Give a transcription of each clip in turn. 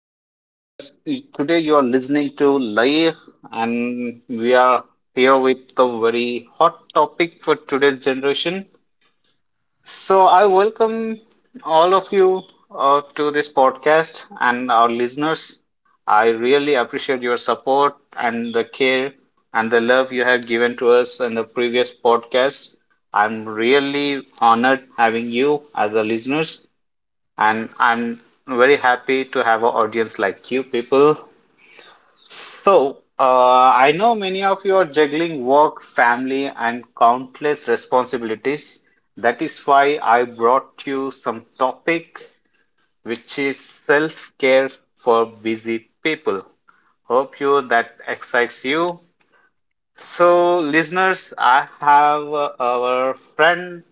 my podcast. Today you are listening to Laih, and we are here with a very hot topic for today's generation. So I welcome all of you to this podcast and our listeners. I really appreciate your support and the care and the love you have given to us in the previous podcast. I'm really honored having you as a listeners and I'm very happy to have an audience like you people. So, I know many of you are juggling work, family, and countless responsibilities. That is why I brought you some topic which is self-care for busy people. Hope you that excites you. So, listeners, I have our friend,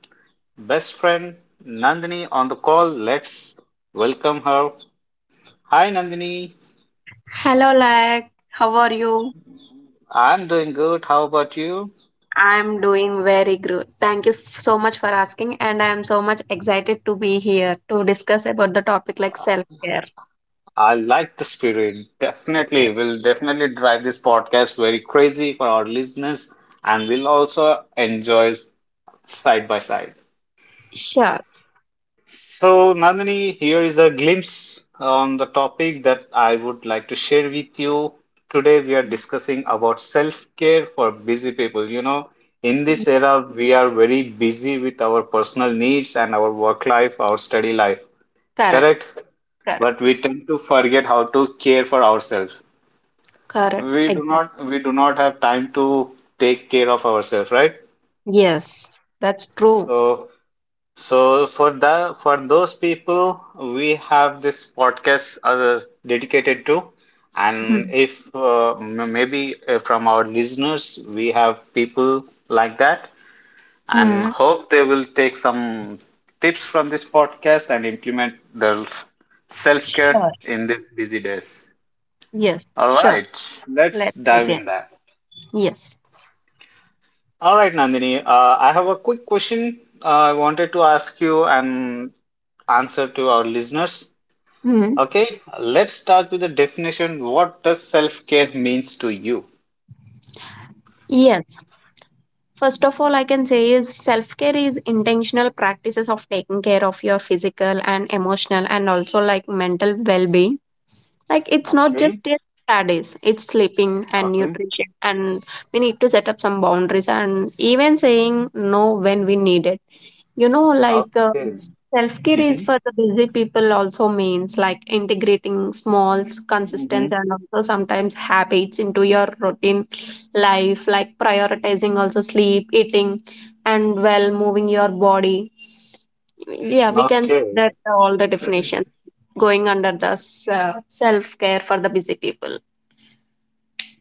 best friend Nandini on the call. Let's welcome her. Hi Nandini, Hello, how are you? I'm doing good. How about you? I'm doing very good. Thank you so much for asking, and I'm so much excited to be here to discuss about the topic like self care. I like the spirit. Definitely, Yes, we'll definitely drive this podcast very crazy for our listeners, and we'll also enjoy side by side. sure. So, Nandini, here is a glimpse on the topic that I would like to share with you. Today, we are discussing about self-care for busy people. You know, in this Ye- era, we are very busy with our personal needs and our work life, our study life. Correct, Correct? correct, But we tend to forget how to care for ourselves. correct. we do Exactly. not we do not have time to take care of ourselves, right? Yes, that's true. So so for the for those people we have this podcast dedicated to. And Mhm. if maybe from our listeners we have people like that, and Mhm. hope they will take some tips from this podcast and implement their self-care Sure. in these busy days. Yes, All sure. right, let's Let's dive begin. in there. Yes. All right, Nandini, I have a quick question I wanted to ask you and answer to our listeners. Mhm. Okay, let's start with the definition. What does self-care means to you? Yes. First of all, I can say is self care is intentional practices of taking care of your physical and emotional and also like mental well being. Like it's not just Okay, your studies, it's sleeping and okay, nutrition, and we need to set up some boundaries and even saying no when we need it, you know, okay. self care is Mm-hmm. for the busy people also means like integrating small consistent Mm-hmm. and also sometimes habits into your routine life, like prioritizing also sleep, eating and well moving your body. Yeah, we can see Okay. that all the definitions going under the self care for the busy people.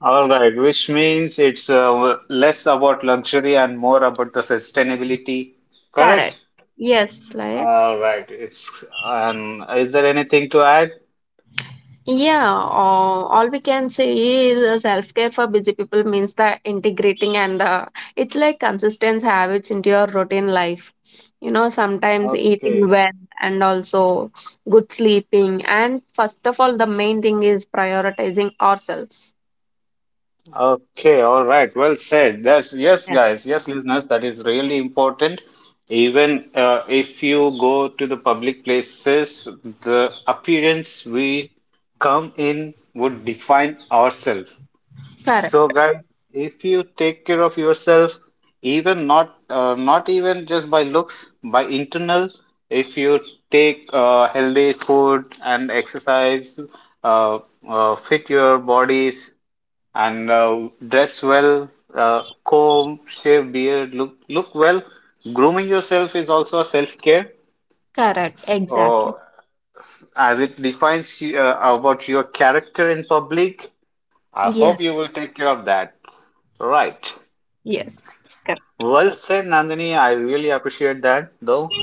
All right, which means it's less about luxury and more about the sustainability. Correct, Correct? yes, like. All right. It's and is there anything to add? Yeah, all we can say is self-care for busy people means the integrating and the it's like consistent habits into your routine life. You know, sometimes eating Okay. well and also good sleeping. And first of all, the main thing is prioritizing ourselves. Okay, all right. Well said. That's yes, Yeah. guys. Yes, listeners, that is really important. Even if you go to the public places, the appearance we come in would define ourselves. So, Correct. guys, if you take care of yourself, even not even just by looks, by internal, if you take healthy food and exercise, uh, fit your bodies and dress well, comb, shave beard, look well. Grooming yourself is also a self-care, Correct. Exactly. or as it defines you, about your character in public. I Yes. hope you will take care of that. Right. Yes. Correct. Well said, Nandini. I really appreciate that, though.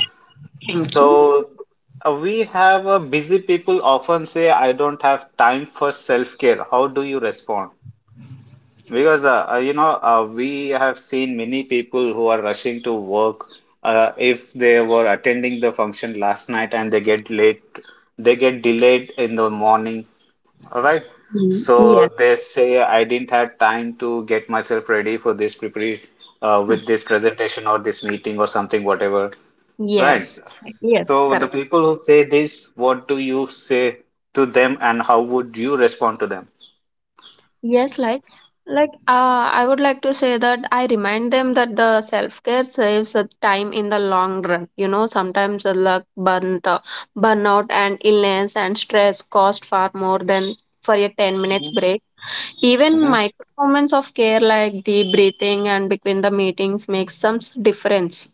Thank you. So we have a busy people often say, "I don't have time for self-care." How do you respond? Because you know, we have seen many people who are rushing to work. If they were attending the function last night and they get late, they get delayed in the morning. All right. Mm, So yes. they say, I didn't have time to get myself ready for this prepare with this presentation or this meeting or something, whatever. Right. Yes. Yes, So the correct. people who say this, what do you say to them and how would you respond to them? Yes, like I would like to say that I remind them that the self-care saves the time in the long run. You know, sometimes the luck burnt burnout and illness and stress cost far more than for a 10 minutes break. Even Mm-hmm. micro moments of care like deep breathing and between the meetings makes some difference.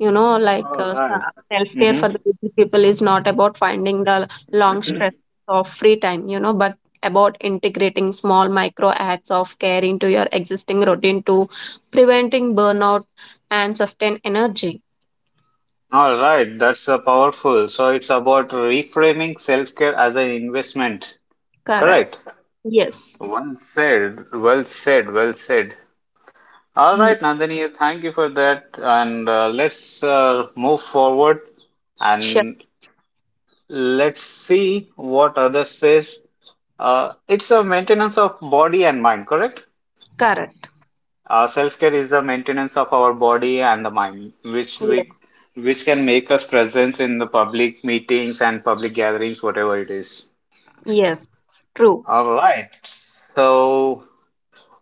You know, All right. self care for the busy people is not about finding the long stretches of free time, you know, but about integrating small micro acts of care into your existing routine to preventing burnout and sustain energy. All right, that's powerful. So it's about reframing self care as an investment. Correct. Correct. Yes. Well said. Well said. Well said. All Mm. right, Nandini, thank you for that. And let's move forward Sure. and let's see what others says. It's a maintenance of body and mind, correct? Correct. Self-care is the maintenance of our body and the mind, which we Yes. which can make us presence in the public meetings and public gatherings, whatever it is. Yes. True. All right. So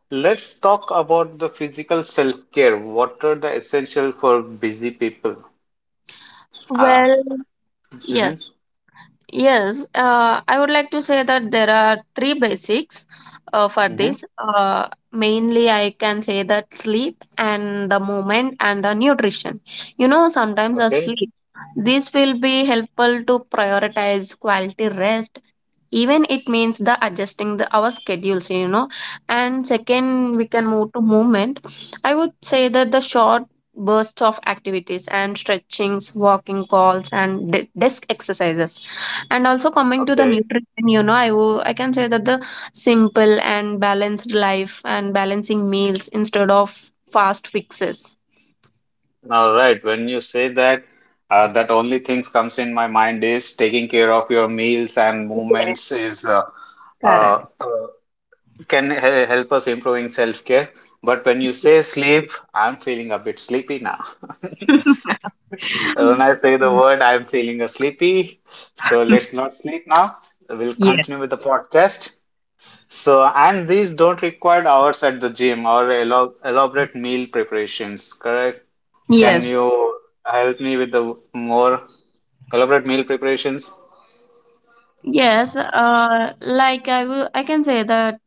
let's talk about the physical self-care. What are the essential for busy people? Uh, Well, mhm, yes. Yes, I would like to say that there are three basics for mhm. this. Mainly, I can say that sleep and the movement and the nutrition. You know, sometimes a Okay. sleep. This will be helpful to prioritize quality rest, even it means the adjusting the our schedules, you know. And second, we can move to movement. I would say that the short bursts of activities and stretchings, walking calls and desk exercises. And also coming to the Okay. nutrition, you know, I can say that the simple and balanced life and balancing meals instead of fast fixes. All right. When you say that, that only things comes in my mind is taking care of your meals and Yes, movements is uh, correct. uh, can help us improving self-care. But when you say sleep, I'm feeling a bit sleepy now. When I say the word I'm feeling a sleepy, so let's not sleep now, we'll Yes. continue with the podcast. So, and these don't require hours at the gym or elaborate meal preparations, correct? Can Yes. you help me with the more elaborate meal preparations? Yes, like I can say that,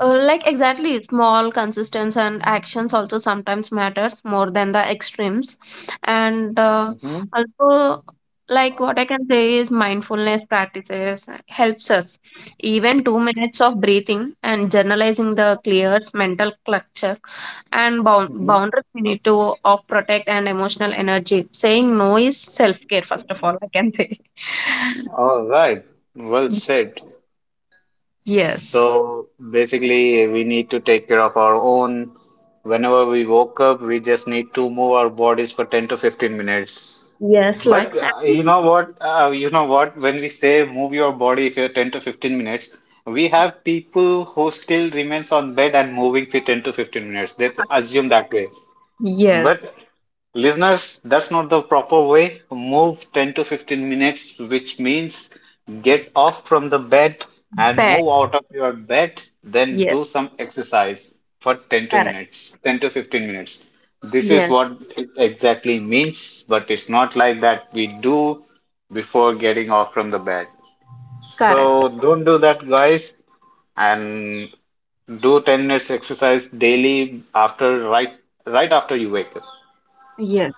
like exactly, small consistency and actions also sometimes matters more than the extremes, and Mhm, also like what I can say is mindfulness practices helps us. Even 2 minutes of breathing and journalizing the clears mental clutter and mhm. boundaries we need to of protect and emotional energy. Saying no is self care, first of all, I can say. All right, well said. Yes. So basically, we need to take care of our own. Whenever we woke up, we just need to move our bodies for 10 to 15 minutes. Yes, But like uh, you salmon. know what? Uh, you know what? When we say move your body if you're 10 to 15 minutes, we have people who still remains on bed and moving for 10 to 15 minutes. Assume that way. Yes, But listeners, that's not the proper way. Move 10 to 15 minutes, which means get off from the bed and pet. move out of your bed, then Yes, do some exercise for 10 to correct. minutes, 10 to 15 minutes. This is Yes, what it exactly means, but it's not like that we do before getting off from the bed. correct. So don't do that, guys, and do 10 minutes exercise daily after right right after you wake up. Yes.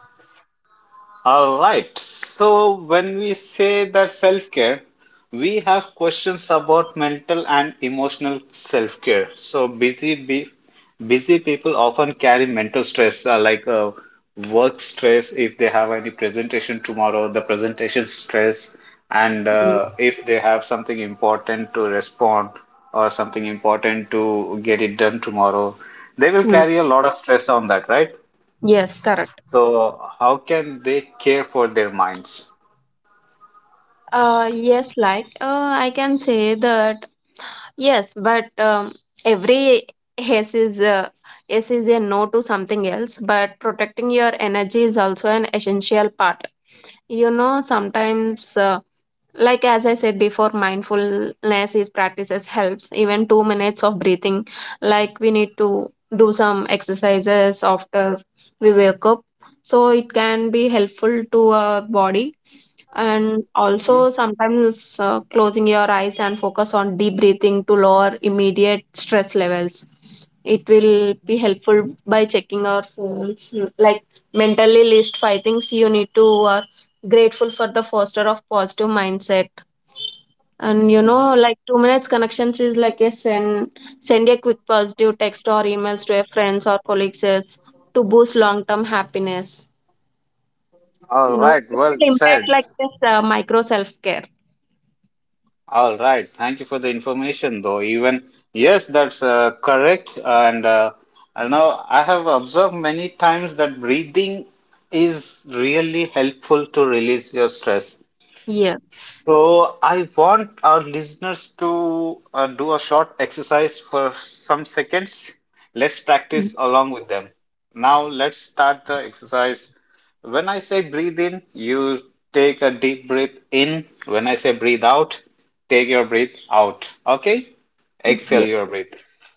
All right. So when we say that self-care, we have questions about mental and emotional self-care. So busy people often carry mental stress, like work stress if they have any presentation tomorrow, the presentation stress, and Mm. If they have something important to respond or something important to get it done tomorrow, they will Mm. carry a lot of stress on that, right? Yes, correct. So, how can they care for their minds? Yes, I can say that yes, but every yes is uh, yes is a no to something else. But protecting your energy is also an essential part. You know, sometimes like as I said before, mindfulness is practices helps. Even 2 minutes of breathing, like we need to do some exercises after we wake up, so it can be helpful to our body. And Mhm, also sometimes closing your eyes and focus on deep breathing to lower immediate stress levels, it will be helpful. By checking our phones, like mentally list five things you need to are grateful for the foster of positive mindset. And you know, mhm. like 2 minutes connections is like a send a quick positive text or emails to your friends or colleagues is to boost long term happiness. You All know, right, it well will impact said. like this micro self care. All right, thank you for the information, though. Even yes, that's correct. And I know I have observed many times that breathing is really helpful to release your stress. Yeah, So I want our listeners to do a short exercise for some seconds. Let's mm, practice along with them. Now let's start the exercise. When I say breathe in, you take a deep breath in. When I say breathe out, take your breath out. Okay? Exhale yeah, your breath.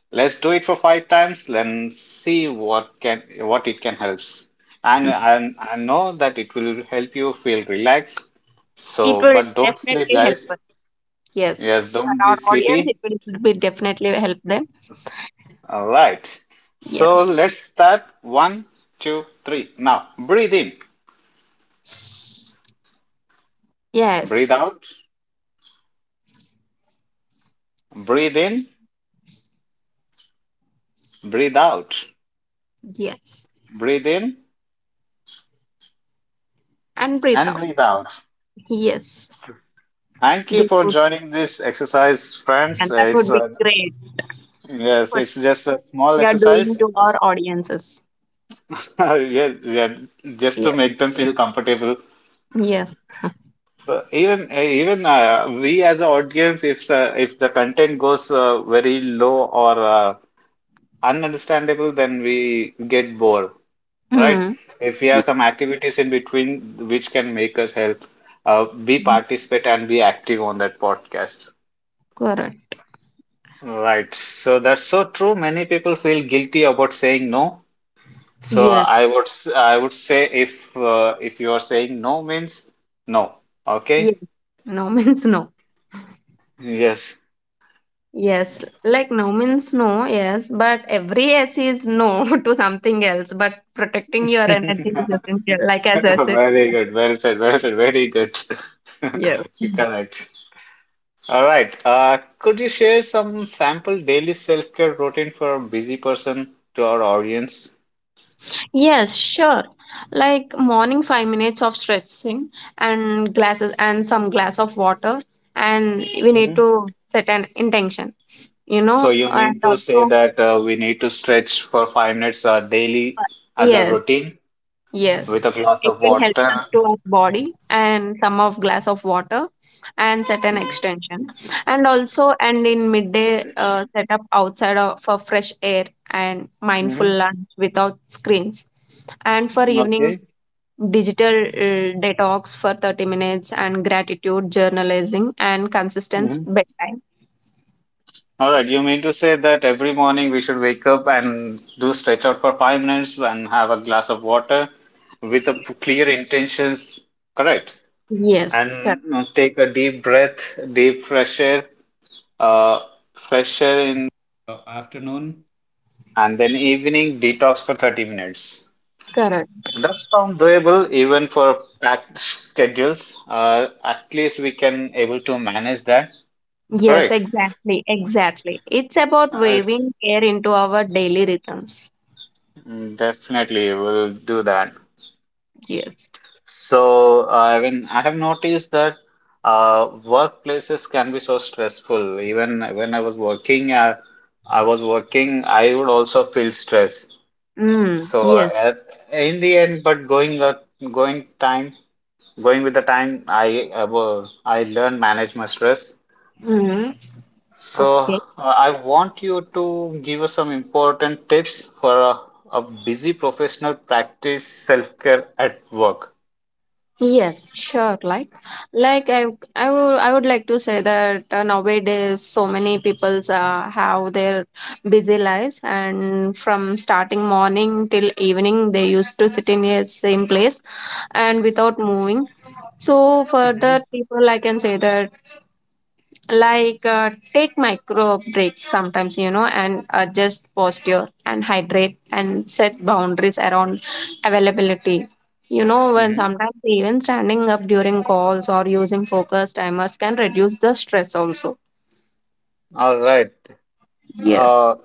Let's do it for five times. Let's see what it can helps. And I know that it will help you feel relaxed it so, will but don't sleep, definitely help guys. us. Yes, Yes, for don't be our audience, it sleepy. will be definitely help them. All right. So Yes, let's start. One, two, three. Now, breathe in, breathe yes, out, breathe in, breathe out, yes, breathe in, and breathe and out. breathe out. Yes, Thank you this for would joining this exercise, friends. and that would be great. Yes, What it's just a small we are doing exercise. to our audiences. Yes, yeah, just to Yes, make them feel comfortable. yes. So even we as an audience, if the content goes very low or ununderstandable, then we get bored, right? Hmm. If we Ye- have some activities in between which can make us help, be participate and be active on that podcast. Correct. Right. So that's so true. Many people feel guilty about saying no. So Yes. I would say if you are saying no means no. Yes. Okay. No means no. Yes. Yes. Like no means no, yes. But every yes is no to something else. But protecting your energy is essential. Like as I said, Very good, well said, very good. yes. You're Correct. All right. Could you share some sample daily self-care routine for a busy person to our audience? Yes, sure. Like morning 5 minutes of stretching and glasses and some glass of water, and we need Mhm. to set an intention, you So know, you mean and to say also that we need to stretch for 5 minutes daily as a yes. routine Yes, with a glass it of will help us water? to our body, and some of glass of water and set an Mhm. extension. And also, and in midday set up outside of, for fresh air and mindful Mhm. lunch without screens. And for evening Okay. digital detox for 30 minutes and gratitude journalizing and consistent bedtime. All right, you mean to say that every morning we should wake up and do stretch out for 5 minutes and have a glass of water with a clear intentions, correct? Yes, And correct. Take a deep breath, deep uh, fresh air in afternoon, and then evening detox for 30 minutes. Correct. That sounds doable even for packed schedules. At least we can able to manage that, Yes, correct? exactly, exactly, it's about Uh, it's- waving air into our daily rhythms. Definitely, we'll do that. Yes. So, when I have noticed that workplaces can be so stressful. Even when I was working, I would also feel stress. Mm, So, yes. uh, in the end, but going time, going with the time, I I learned manage my stress. Mm-hmm. So, Okay. I want you to give us some important tips for a busy professional practice self-care at work. Yes, sure. Like I, I would like to say that nowadays so many peoples have their busy lives, and from starting morning till evening, they used to sit in a same place and without moving. So for Mhm. that people, I can say that take micro breaks sometimes, you know, and adjust posture and hydrate and set boundaries around availability. You know, when Mm-hmm. sometimes even standing up during calls or using focus timers can reduce the stress also. All right. Yes. Uh,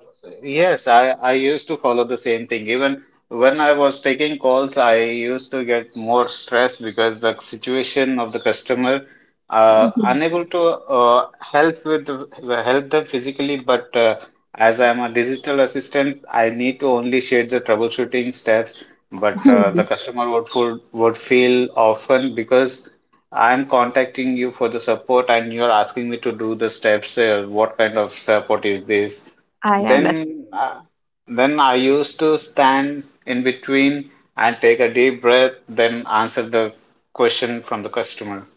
yes, I used to follow the same thing. Even when I was taking calls, I used to get more stress because the situation of the customer, Mhm. unable to help them physically, but as I am a digital assistant, I need to only share the troubleshooting steps. But the customer would feel often because I'm contacting you for the support and you're asking me to do the steps. What kind of support is this? I understand. Then, uh, then I used to stand in between and take a deep breath, then answer the question from the customer.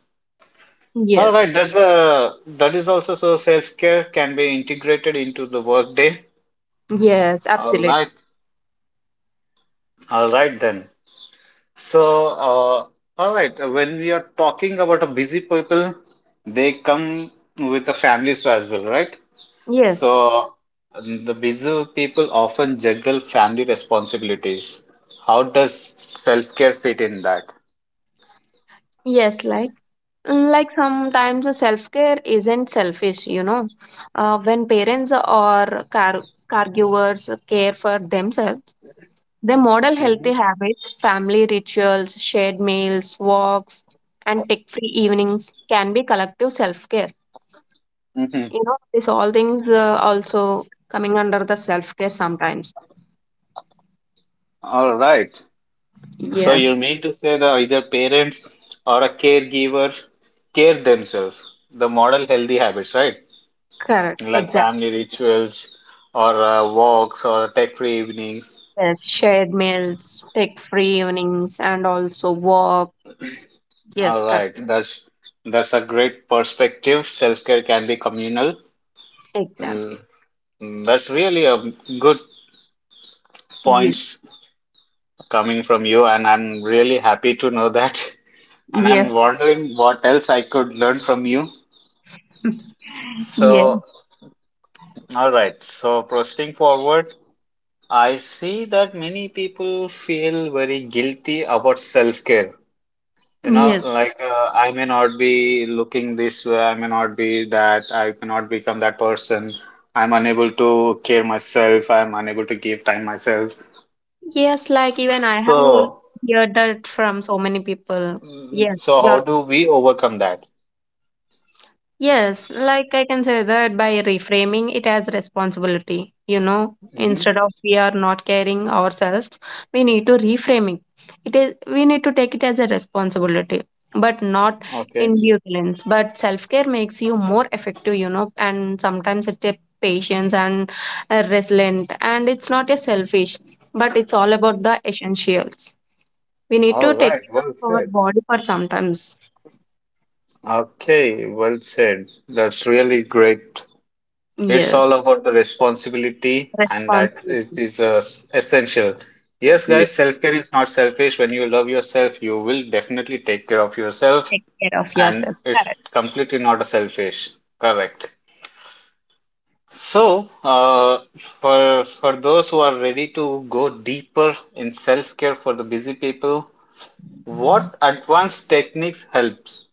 All right, Yes. that's a that is also so self-care can be integrated into the workday. Yes, All absolutely. right, all right then. So, uh, all right, when we are talking about a busy people, they come with the families as well, right? Yes, So, the busy people often juggle family responsibilities. How does self-care fit in that? yes, like. Mm, like sometimes self care isn't selfish, you know. When parents or car- caregivers care for themselves, they model Mm-hmm. healthy habits, family rituals, shared meals, walks, and tech free evenings can be collective self care. Mm-hmm. You know, these all things also coming under the self care sometimes. All right. So Yes, you mean to say that either parents or a caregiver care themselves, the model healthy habits, right? correct. Like Exactly. family rituals or walks or tech-free evenings. Yes, shared meals, tech free evenings, and also walk. Yes, All correct. right. That's a great perspective. Self-care can be communal. Mm, Exactly. mm, that's really a good Yes. points coming from you, and I'm really happy to know that. And I'm Yes. wondering what else I could learn from you. Yes. So, all right, so proceeding forward, I see that many people feel very guilty about self-care. You know, Yes. like I may not be looking this way, I may not be that, I may not become that person. I'm unable to care myself, I'm unable to give time myself. Yes, like even I have So, heard that from so many people. mm, Yes, so how you're do we overcome that? Yes, like I can say that by reframing it as responsibility, you know, Mm-hmm. instead of we are not caring ourselves, we need to reframe it. It is we need to take it as a responsibility, but not Okay. indulgence. But self care makes you more effective, you know, and sometimes it's a patience and a resilient, and it's not a selfish, but it's all about the essentials. We need All to take right. care Well of our said. body for sometimes. Okay. Well said. That's really great. It's all Yes, about the responsibility, and that is, responsibility. is uh, essential. Yes, guys, self care is not selfish. When you love yourself, you will definitely take care of yourself, Take care of and yourself. Correct. it's completely not a selfish. Correct. So, for those who are ready to go deeper in self care for the busy people, what advanced techniques helps?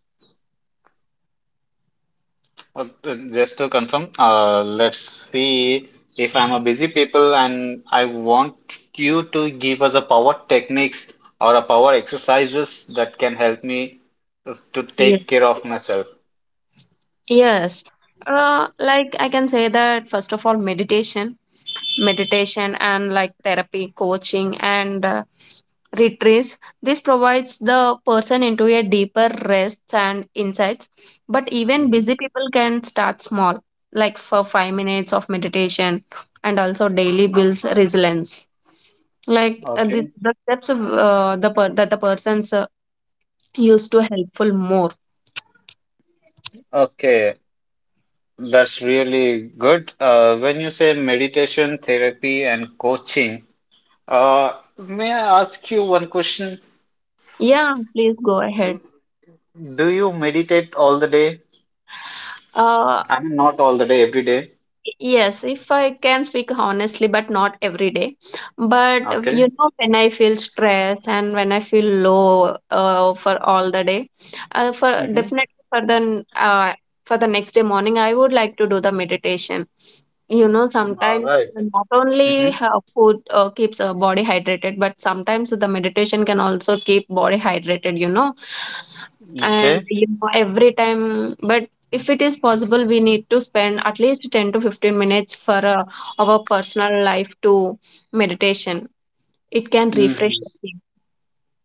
Just to confirm, let's see if I'm a busy people and I want you to give us a power techniques or a power exercises that can help me to Yes. take care of myself. Yes. I can say that first of all, meditation, and like therapy, coaching, and retreats. This provides the person into a deeper rest and insights. But even Hmm. busy people can start small, like for 5 minutes of meditation, and also daily builds resilience. Like uh, the, Okay. the steps of, that the persons used to helpful more. Okay. That's really good. When you say meditation, therapy, and coaching, uh, may I ask you one question? Yeah, please go ahead. Do you meditate all the day? Uh, I mean, not all the day, every day. yes, if I can speak honestly, but not every day. But you Okay. know, when I feel stress and when I feel low, for all the day, for Mm-hmm. definitely for the for the next day morning, I would like to do the meditation. You know, All sometimes right. not only Mm-hmm. Food keeps body hydrated, but sometimes the meditation can also keep body hydrated. You know, and Okay. you know every time, but if it is possible we need to spend at least 10 to 15 minutes for our personal life to meditation, it can refresh Mm-hmm. the thing.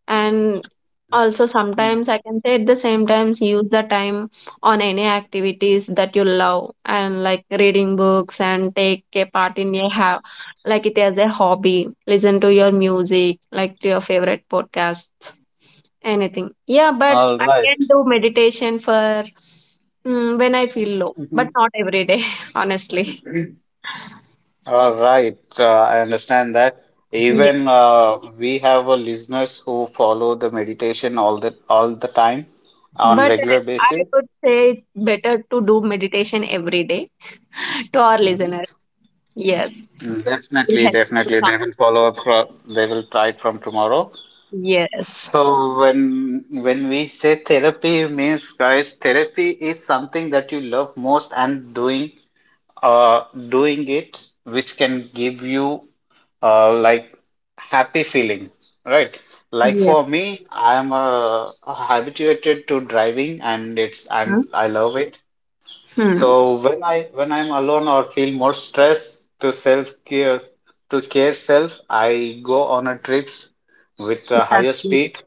And also sometimes I can say, at the same times use the time on any activities that you love and like reading books, and take a part in a like it as a hobby, listen to your music, like to your favorite podcasts, anything. Yeah, but All I right. can do meditation for mm, when I feel low, Mhm. but not every day, honestly. All right. I understand that. Yeah, Even we have listeners who follow the meditation all the time on but regular I basis. would say it's better to do meditation every day to our Mhm. listeners. Yes, it Mm, will definitely, help you calm. they will follow up. They will try it from tomorrow. Yes, So when we say therapy means, guys, therapy is something that you love most and doing uh, doing it which can give you like happy feeling, right? Like yes. for me, I'm habituated to driving and it's I'm Huh? I love it. Hmm. So when I'm alone or feel more stress to self care, to care self, I go on a trips with a That's higher it. speed,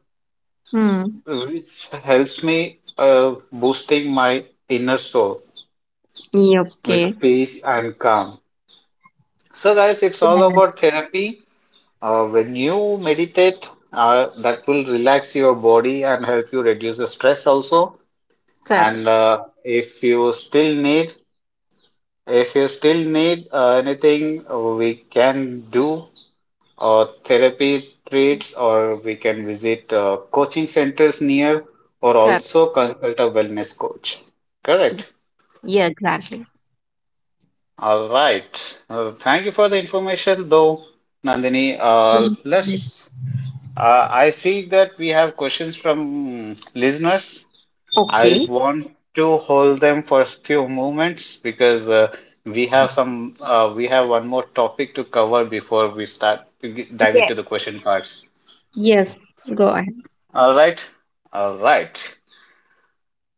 Hmm. which helps me boosting my inner soul Yeah, okay. with peace and calm. So, guys, it's all Yes. about therapy. When you meditate, that will relax your body and help you reduce the stress also. Correct. And if you still need anything, we can do therapy treats, or we can visit coaching centers near, or Correct. also consult a wellness coach. Correct. Yeah, exactly. All right. Thank you for the information, though, Nandini. Yes. Let's I see that we have questions from listeners. I Okay. want to hold them for a few moments because we have some we have one more topic to cover before we start to dive Yeah. into the question cards. Yes. Go ahead. All right, all right.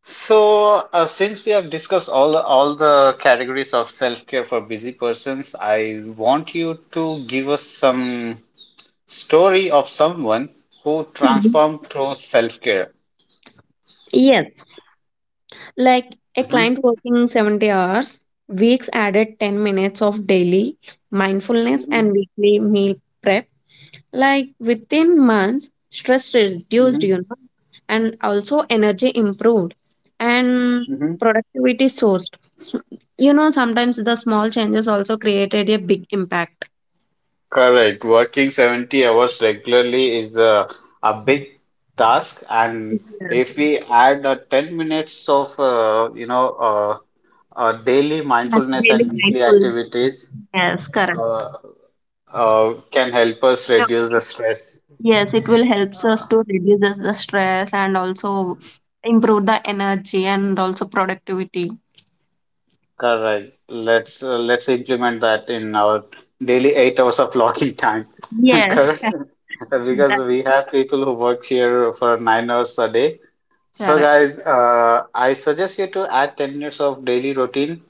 So since we have discussed all the categories of self-care for busy persons, I want you to give us some story of someone who Mhm. transformed through self-care. Yes. Like a Mm-hmm. client working 70 hours, weeks added 10 minutes of daily mindfulness Hmm. and weekly meal prep. Like within months, stress reduced, Hmm. you know, and also energy improved and Hmm. productivity sourced. You know, sometimes the small changes also created a big impact. Correct. Working 70 hours regularly is a big task, and Yes, if we add 10 minutes of daily that's mindfulness really and weekly mindful. activities Yes, correct. uh, can help us reduce the stress. Yes, it will helps us Uh, to reduce the stress and also improve the energy and also productivity. Correct. Let's implement that in our daily 8 hours of logging time. Yes, Correct. Because that's we have people who work here for 9 hours a day. So, correct. guys, I suggest you to add 10 minutes of daily routine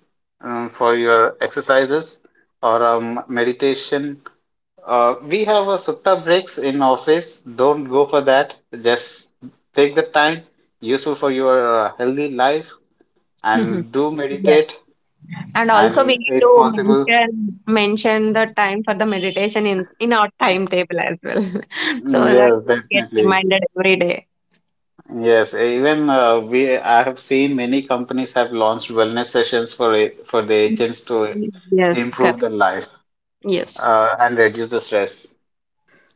for your exercises or meditation. We have a sutta breaks in office. Don't go for that. Just take the time useful for your healthy life and do Yeah. meditate. And also we And need to if possible, mention the time for the meditation in our timetable as well, so mm, that yes, we get definitely. reminded every day. Yes, even we I have seen many companies have launched wellness sessions for the agents to Mhm. Yes, correct. improve their life, Yes, and reduce the stress.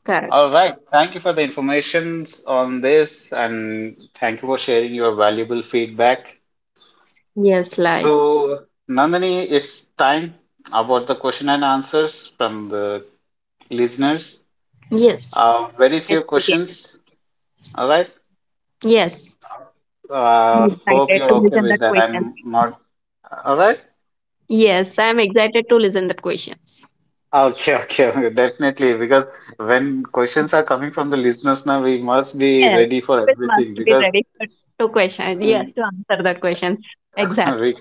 correct. All right. Thank you for the informations on this, and thank you for sharing your valuable feedback. Yes, like, So, Nandini, it's time about the question and answers from the listeners. yes, Very yes, few yes. questions. All right. Yes. I'm Hope excited you're to okay listen with that that. question. I'm not. All right. Yes, I'm excited to listen that questions. Okay, okay, okay, definitely. Because when questions are coming from the listeners now, we must be Yes, ready for people must everything. be Because ready for, to question. Yes, to answer that question. Exactly. we,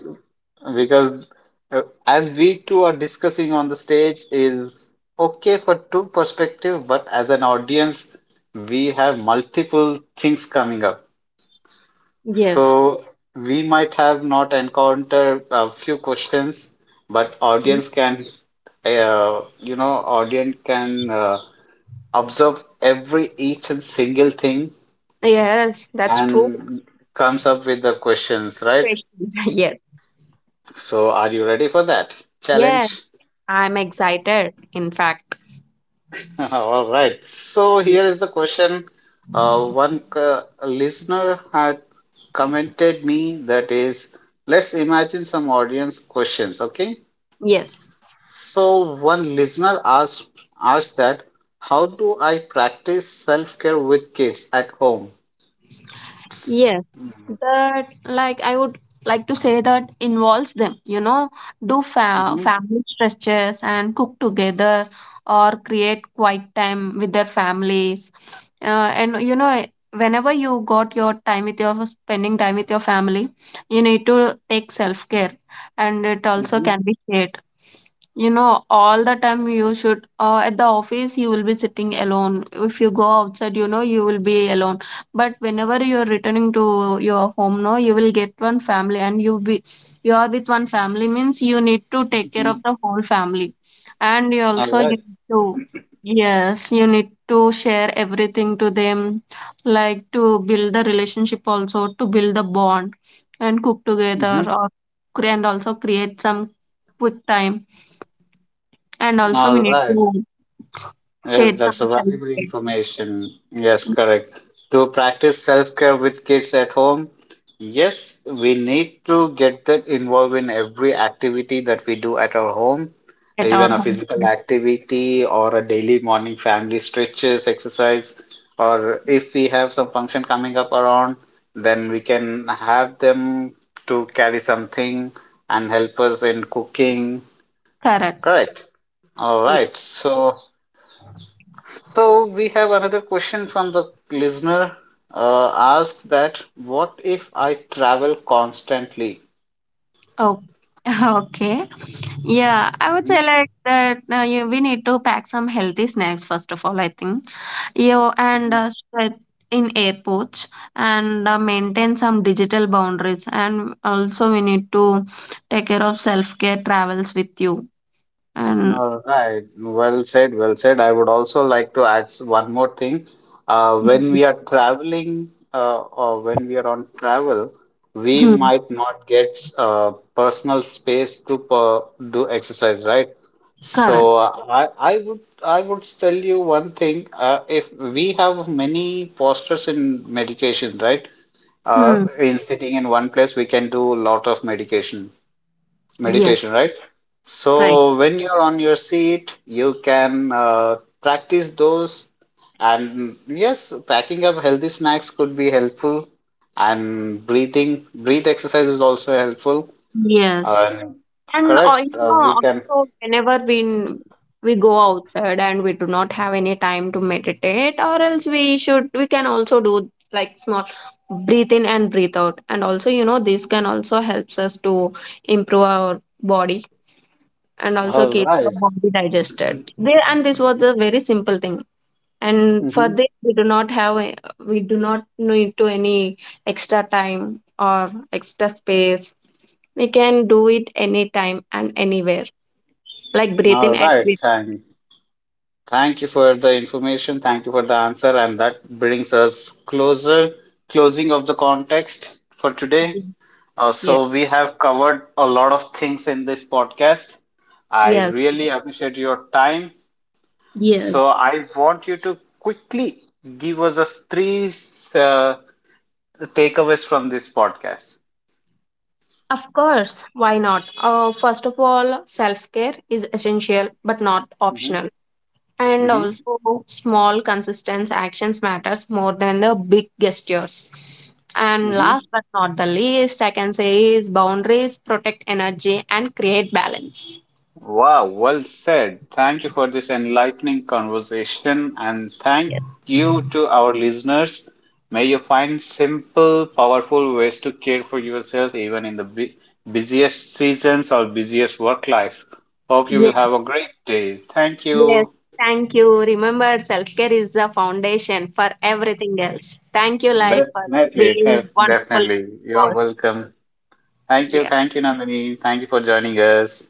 because as we two are discussing on the stage is okay for two perspective, but as an audience, we have multiple things coming up. Yes. So we might have not encountered a few questions, but Mhm. audience can, audience can observe every each and single thing Yes, that's true. and comes up with the questions, right? Question. Yes. So are you ready for that Yes, challenge? I'm excited. In fact, All right. So Ye- here is the question. Listener had commented me that is, let's imagine some audience questions. Okay. yes. So one listener asked that, how do I practice self-care with kids at home? Yes, Mm-hmm, that like I would like to say that involves them, you know, do fa family stretches and cook together or create quiet time with their families. And you know, whenever you got your time with your spending time with your family, you need to take self-care, and it also mm-hmm, can be shared. You know, all the time you should, at the office, you will be sitting alone. If you go outside, you know, you will be alone, but whenever you're returning to your home now, you will get one family, and you are with one family means you need to take care mm-hmm. of the whole family. And All you right. need to yes, you need to share everything to them, like to build the relationship also, to build the bond and cook together Mm-hmm. or and also create some quick time. And also we All need right. to Yes, share that's some a time valuable information. Yes, correct. To practice self-care with kids at home, yes, we need to get them involved in every activity that we do at our home, at our even a home. physical activity or a daily morning family stretches exercise, or if we have some function coming up around, then we can have them to carry something and help us in cooking. Correct. Correct. All Yeah. right. So. So we have another question from the listener. Asks that what if I travel constantly? Okay. Okay. Yeah, I would Mhm, say like that we need to pack some healthy snacks first of all, I think. You and mhm. Spread in airports, and maintain some digital boundaries, and also we need to take care of self-care travels with you and All right. Well said. Well said. I would also like to add one more thing. When mhm. we are traveling, or when we are on travel, we Hmm, might not get personal space to per do exercise, right? correct. So I would tell you one thing. If we have many postures in meditation, right? Hmm. In sitting in one place, we can do a lot of medication Yes, meditation, right? right. So when you're on your seat, you can practice those. And yes, packing up healthy snacks could be helpful. And breathe exercise is also helpful. Yes. And And correct, you know, we can. also, whenever we go outside and we do not have any time to meditate, or else we can also do like small breathe in and breathe out. And also, you know, this can also helps us to improve our body, and also All keep our right. body digested. There, and this was a very simple thing. And for Mm-hmm. this, we do not need to any extra time or extra space. We can do it anytime and anywhere, like Breton All and right. Thank you for the information. Thank you for the answer. And that brings us closer, closing of the context for today. Britain. Yeah. So we have covered a lot of things in this podcast. I Yes. really appreciate your time. Yes. So I want you to quickly give us a three uh, takeaways from this podcast. Of course. Why not? First of all, self care is essential but not Hmm. optional. And Hmm. also, small, consistent actions matters more than the big gestures. And Hmm. last but not the least, I can say is boundaries protect energy and create balance. Wow, well said. Thank you for this enlightening conversation and thank you to our listeners. May you find simple, powerful ways to care for yourself even in the busiest seasons or busiest work life. Hope you will Yes. have a great day. Thank Yes, you. thank you. Remember, self care is the foundation for everything else. Thank you, like, for Definitely, being wonderful definitely. You're host. welcome. Yeah, Thank you, Nandini. Thank you for joining us.